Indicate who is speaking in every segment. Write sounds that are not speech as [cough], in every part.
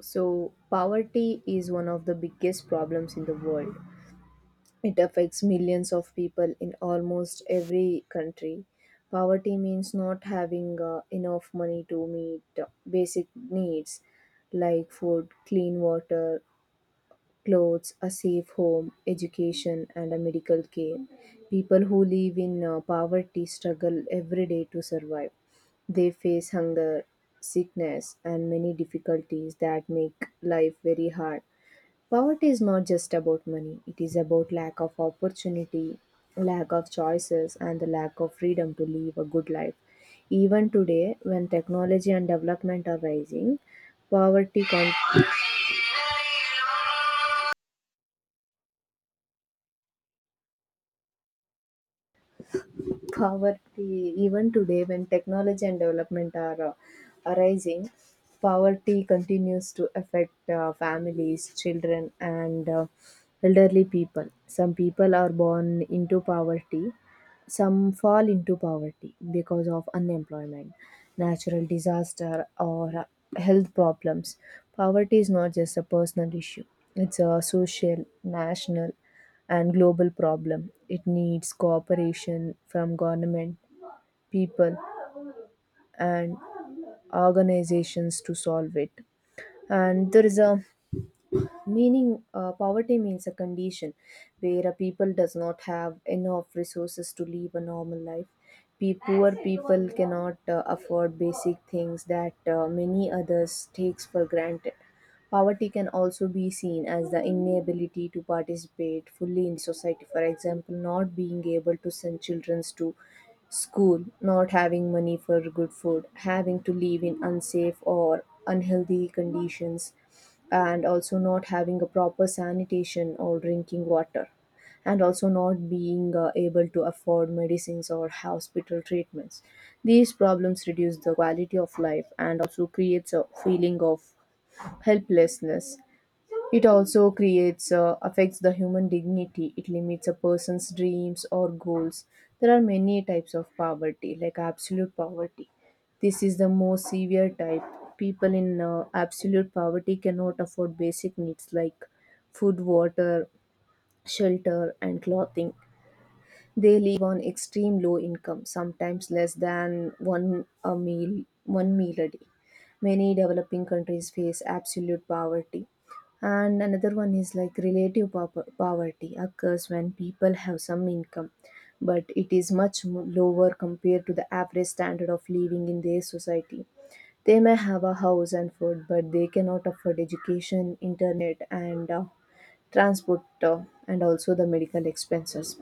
Speaker 1: So, poverty is one of the biggest problems in the world. It affects millions of people in almost every country. Poverty means not having enough money to meet basic needs like food, clean water, clothes, a safe home, education, and a medical care. People who live in poverty struggle every day to survive. They face hunger, sickness, and many difficulties that make life very hard. Poverty is not just about money, it is about lack of opportunity, lack of choices, and the lack of freedom to live a good life. Even today, when technology and development are rising, poverty continues poverty even today when technology and development are arising poverty continues to affect families, children, and elderly people. Some people are born into poverty, some fall into poverty because of unemployment, natural disaster, or health problems. Poverty is not just a personal issue, it's a social, national, and global problem. It needs cooperation from government, people, and organizations to solve it. And there is a meaning, poverty means a condition where a people does not have enough resources to live a normal life. Poor people cannot afford basic things that many others takes for granted. Poverty can also be seen as the inability to participate fully in society, for example, not being able to send children to school, not having money for good food, having to live in unsafe or unhealthy conditions, and also not having a proper sanitation or drinking water, and also not being able to afford medicines or hospital treatments. These problems reduce the quality of life and also creates a feeling of helplessness. It also creates affects the human dignity. It limits a person's dreams or goals. There are many types of poverty, like absolute poverty. This is the most severe type. People in absolute poverty cannot afford basic needs like food, water, shelter, and clothing. They live on extreme low income, sometimes less than one meal a day. Many developing countries face absolute poverty. And another one is like relative poverty occurs when people have some income, but it is lower compared to the average standard of living in their society. They may have a house and food, but they cannot afford education, internet, and transport, and also the medical expenses,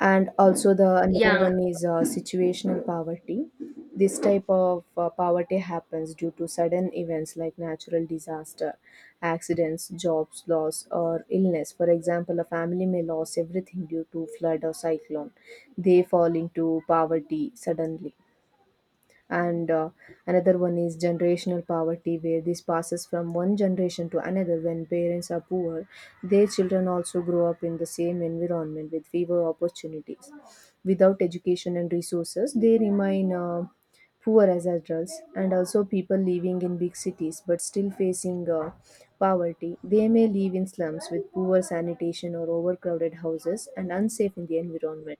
Speaker 1: and also the another
Speaker 2: Yeah,
Speaker 1: one is situational poverty. This type of poverty happens due to sudden events like natural disaster, accidents, jobs loss, or illness. For example, a family may lose everything due to flood or cyclone, they fall into poverty suddenly. And Another one is generational poverty, where this passes from one generation to another. When parents are poor, their children also grow up in the same environment with fewer opportunities. Without education and resources, they remain poor as adults. And also people living in big cities but still facing poverty, they may live in slums with poor sanitation or overcrowded houses and unsafe in the environment.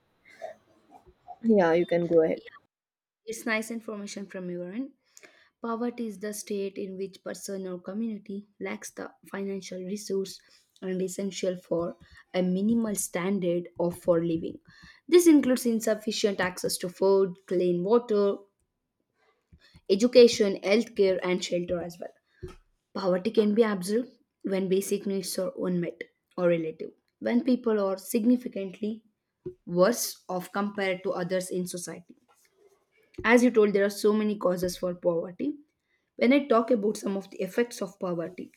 Speaker 1: Yeah, you can go ahead.
Speaker 2: yeah, it's nice information from your end. Poverty is the state in which person or community lacks the financial resource and essential for a minimal standard of for living. This includes insufficient access to food, clean water, education, healthcare, and shelter as well. Poverty can be absolute when basic needs are unmet or relative, when people are significantly worse off compared to others in society. As you told, there are so many causes for poverty. When I talk about some of the effects of poverty,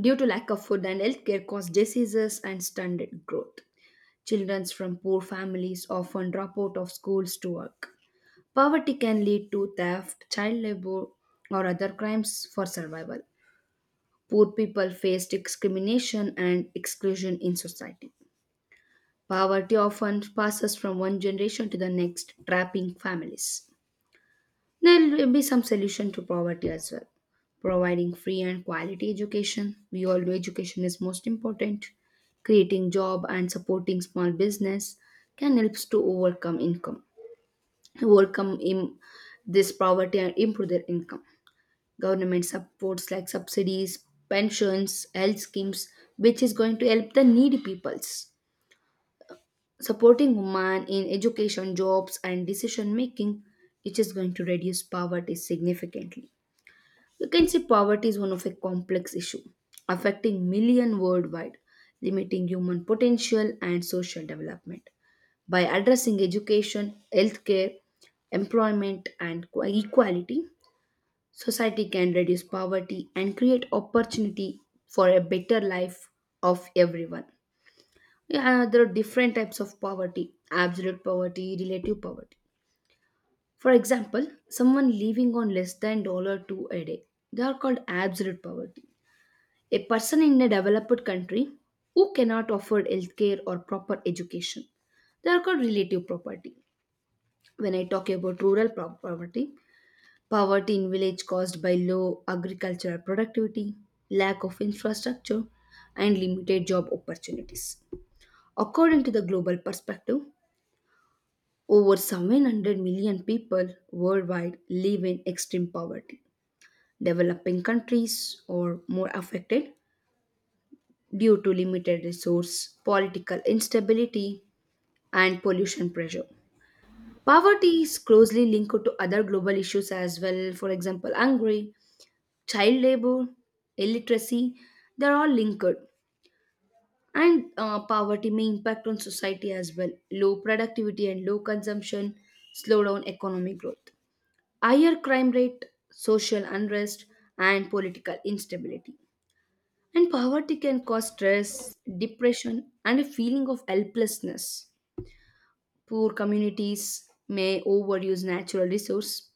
Speaker 2: due to lack of food and healthcare cause diseases and stunted growth. Children from poor families often drop out of schools to work. Poverty can lead to theft, child labor, or other crimes for survival. Poor people face discrimination and exclusion in society. Poverty often passes from one generation to the next, trapping families. There will be some solution to poverty as well. Providing free and quality education. We all know education is most important. Creating job and supporting small business can help to overcome income, overcome in this poverty and improve their income. Government supports like subsidies, pensions, health schemes, which is going to help the needy peoples. Supporting women in education, jobs, and decision making, which is going to reduce poverty significantly. You can see poverty is one of a complex issue affecting million worldwide, limiting human potential and social development. By addressing education, healthcare, employment and equality, society can reduce poverty and create opportunity for a better life of everyone. Yeah, there are different types of poverty, absolute poverty, relative poverty. For example, someone living on less than dollar two a day. They are called absolute poverty. A person in a developed country who cannot afford healthcare or proper education. They are called relative poverty. When I talk about poverty, poverty in village caused by low agricultural productivity, lack of infrastructure, and limited job opportunities. According to the global perspective, over 700 million people worldwide live in extreme poverty. Developing countries are more affected due to limited resource, political instability, and pollution pressure. Poverty is closely linked to other global issues as well, for example, hunger, child labor, illiteracy, they're all linked. And poverty may impact on society as well. Low productivity and low consumption slow down economic growth. Higher crime rate, social unrest, and political instability. And poverty can cause stress, depression, and a feeling of helplessness. Poor communities may overuse natural resources,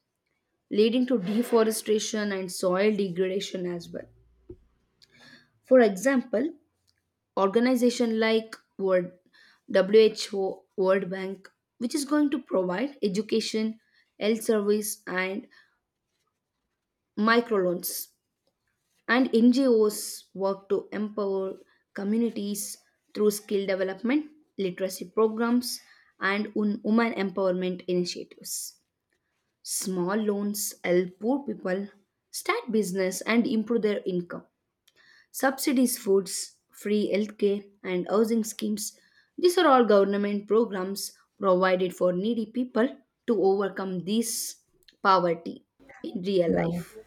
Speaker 2: leading to deforestation and soil degradation as well. For example, organizations like WHO, World Bank, which is going to provide education, health service, and microloans and NGOs work to empower communities through skill development, literacy programs, and women empowerment initiatives. Small loans help poor people start business and improve their income. Subsidies, foods, free healthcare, and housing schemes. These are all government programs provided for needy people to overcome this poverty in real
Speaker 1: Yeah.
Speaker 2: life.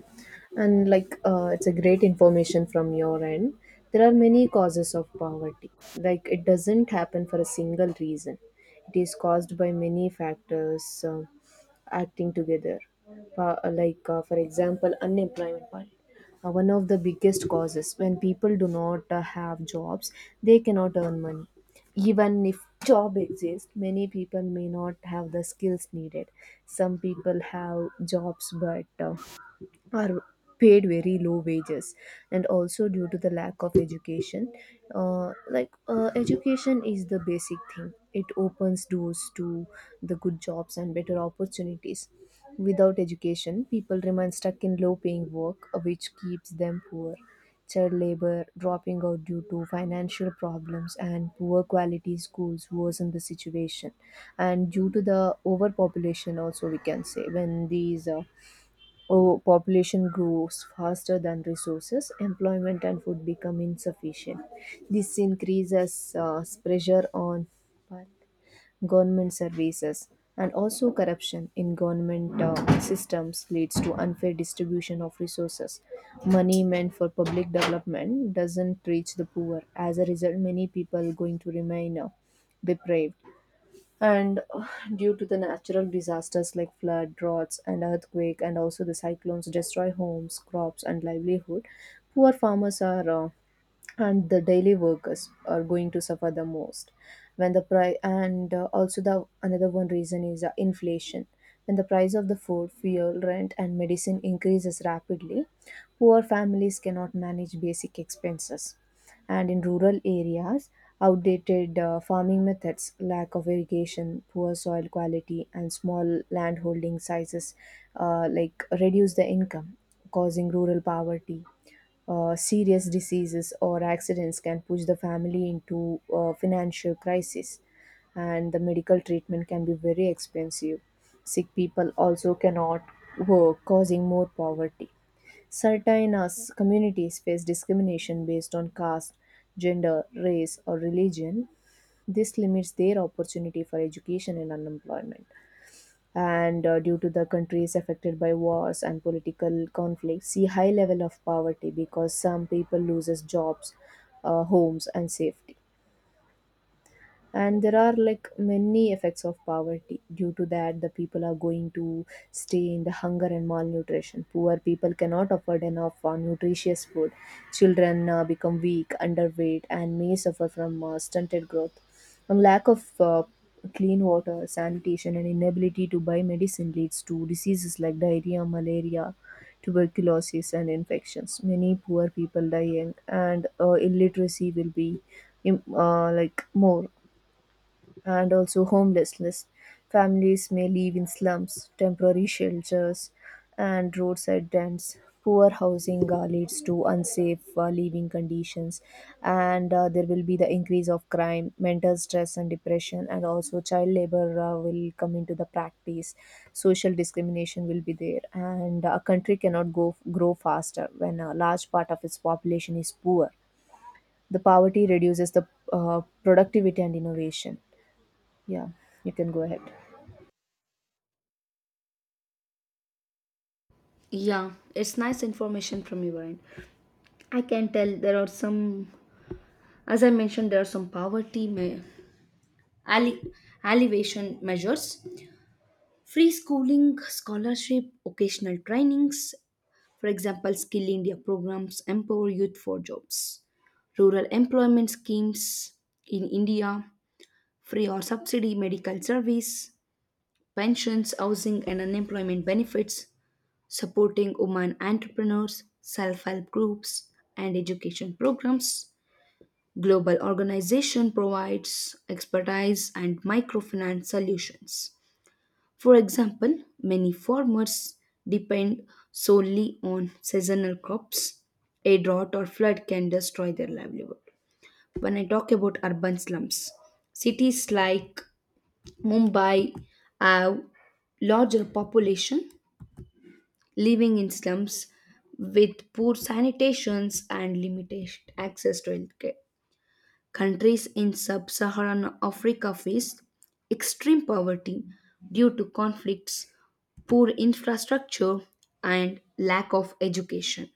Speaker 1: And it's a great information from your end. There are many causes of poverty. Like, it doesn't happen for a single reason. It is caused by many factors acting together. For example, unemployment. Part. One of the biggest causes, when people do not have jobs, they cannot earn money. Even if job exists, many people may not have the skills needed. Some people have jobs, but are paid very low wages, and also due to the lack of education. Education is the basic thing, it opens doors to the good jobs and better opportunities. Without education, people remain stuck in low paying work, which keeps them poor. Child labor, dropping out due to financial problems, and poor quality schools worsen the situation. And due to the overpopulation also, we can say, when population grows faster than resources, employment and food become insufficient. This increases pressure on government services. And also corruption in government systems leads to unfair distribution of resources. Money meant for public development doesn't reach the poor. As a result, many people going to remain depraved. And [sighs] due to the natural disasters like flood, droughts, and earthquake, and also the cyclones destroy homes, crops, and livelihood. Poor farmers are and the daily workers are going to suffer the most. When the price and also the another one reason is inflation. When the price of the food, fuel, rent, and medicine increases rapidly, poor families cannot manage basic expenses. And in rural areas, outdated farming methods, lack of irrigation, poor soil quality, and small landholding sizes reduce the income, causing rural poverty. Serious diseases or accidents can push the family into financial crisis, and the medical treatment can be very expensive. Sick people also cannot work, causing more poverty. Certain us communities face discrimination based on caste, gender, race, or religion. This limits their opportunity for education and unemployment. And due to the countries affected by wars and political conflicts, see high level of poverty because some people loses jobs, homes, and safety. And there are like many effects of poverty. Due to that, the people are going to stay in the hunger and malnutrition. Poor people cannot afford enough nutritious food. Children become weak, underweight, and may suffer from stunted growth. And lack of clean water, sanitation, and inability to buy medicine leads to diseases like diarrhea, malaria, tuberculosis, and infections. Many poor people die young, and illiteracy will be more. And also homelessness. Families may live in slums, temporary shelters, and roadside tents. Poor housing leads to unsafe living conditions, and there will be the increase of crime, mental stress, and depression, and also child labor will come into the practice. Social discrimination will be there, and a country cannot go grow faster when a large part of its population is poor. The poverty reduces the productivity and innovation. Yeah, you can go ahead.
Speaker 2: Yeah, it's nice information from your end. I can tell there are some, as I mentioned, there are some poverty alle- alleviation measures, free schooling, scholarship, occasional trainings, for example, Skill India programs empower youth for jobs, rural employment schemes in India, free or subsidy medical service, pensions, housing, and unemployment benefits, supporting women entrepreneurs, self help groups, and education programs. Global organization provides expertise and microfinance solutions. For example, many farmers depend solely on seasonal crops. A drought or flood can destroy their livelihood. When I talk about urban slums, cities like Mumbai have larger population living in slums with poor sanitations and limited access to healthcare. Countries in sub Saharan Africa face extreme poverty due to conflicts, poor infrastructure, and lack of education.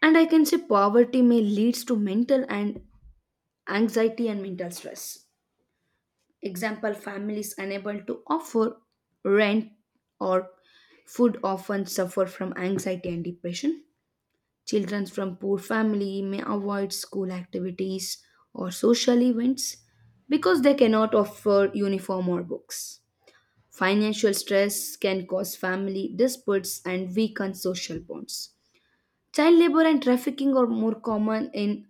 Speaker 2: And I can say poverty may leads to mental and anxiety and mental stress. Example families unable to offer rent or food often suffer from anxiety and depression. Children from poor family may avoid school activities or social events because they cannot afford uniform or books. Financial stress can cause family disputes and weaken social bonds. Child labor and trafficking are more common in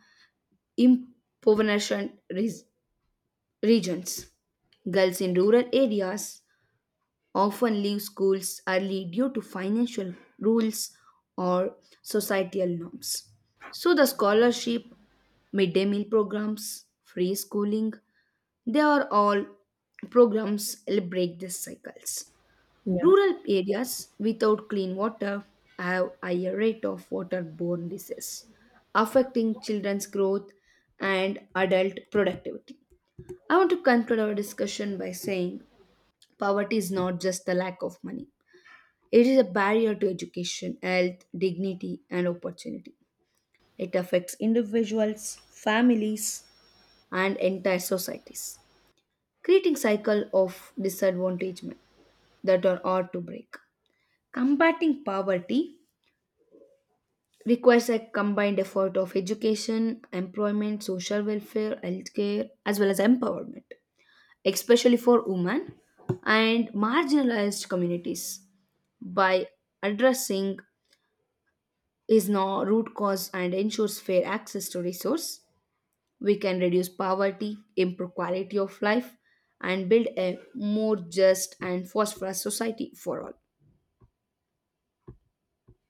Speaker 2: impoverished re- regions. Girls in rural areas often leave schools early due to financial rules or societal norms. So, the scholarship, midday meal programs, free schooling, they are all programs that break these cycles.
Speaker 1: Yeah.
Speaker 2: Rural areas without clean water have higher rate of waterborne disease, affecting children's growth and adult productivity. I want to conclude our discussion by saying poverty is not just the lack of money, it is a barrier to education, health, dignity, and opportunity. It affects individuals, families, and entire societies, creating cycle of disadvantagement that are hard to break. Combating poverty requires a combined effort of education, employment, social welfare, healthcare, as well as empowerment, especially for women and marginalized communities by addressing is now root cause and ensures fair access to resource we can reduce poverty improve quality of life and build a more just and prosperous society for all.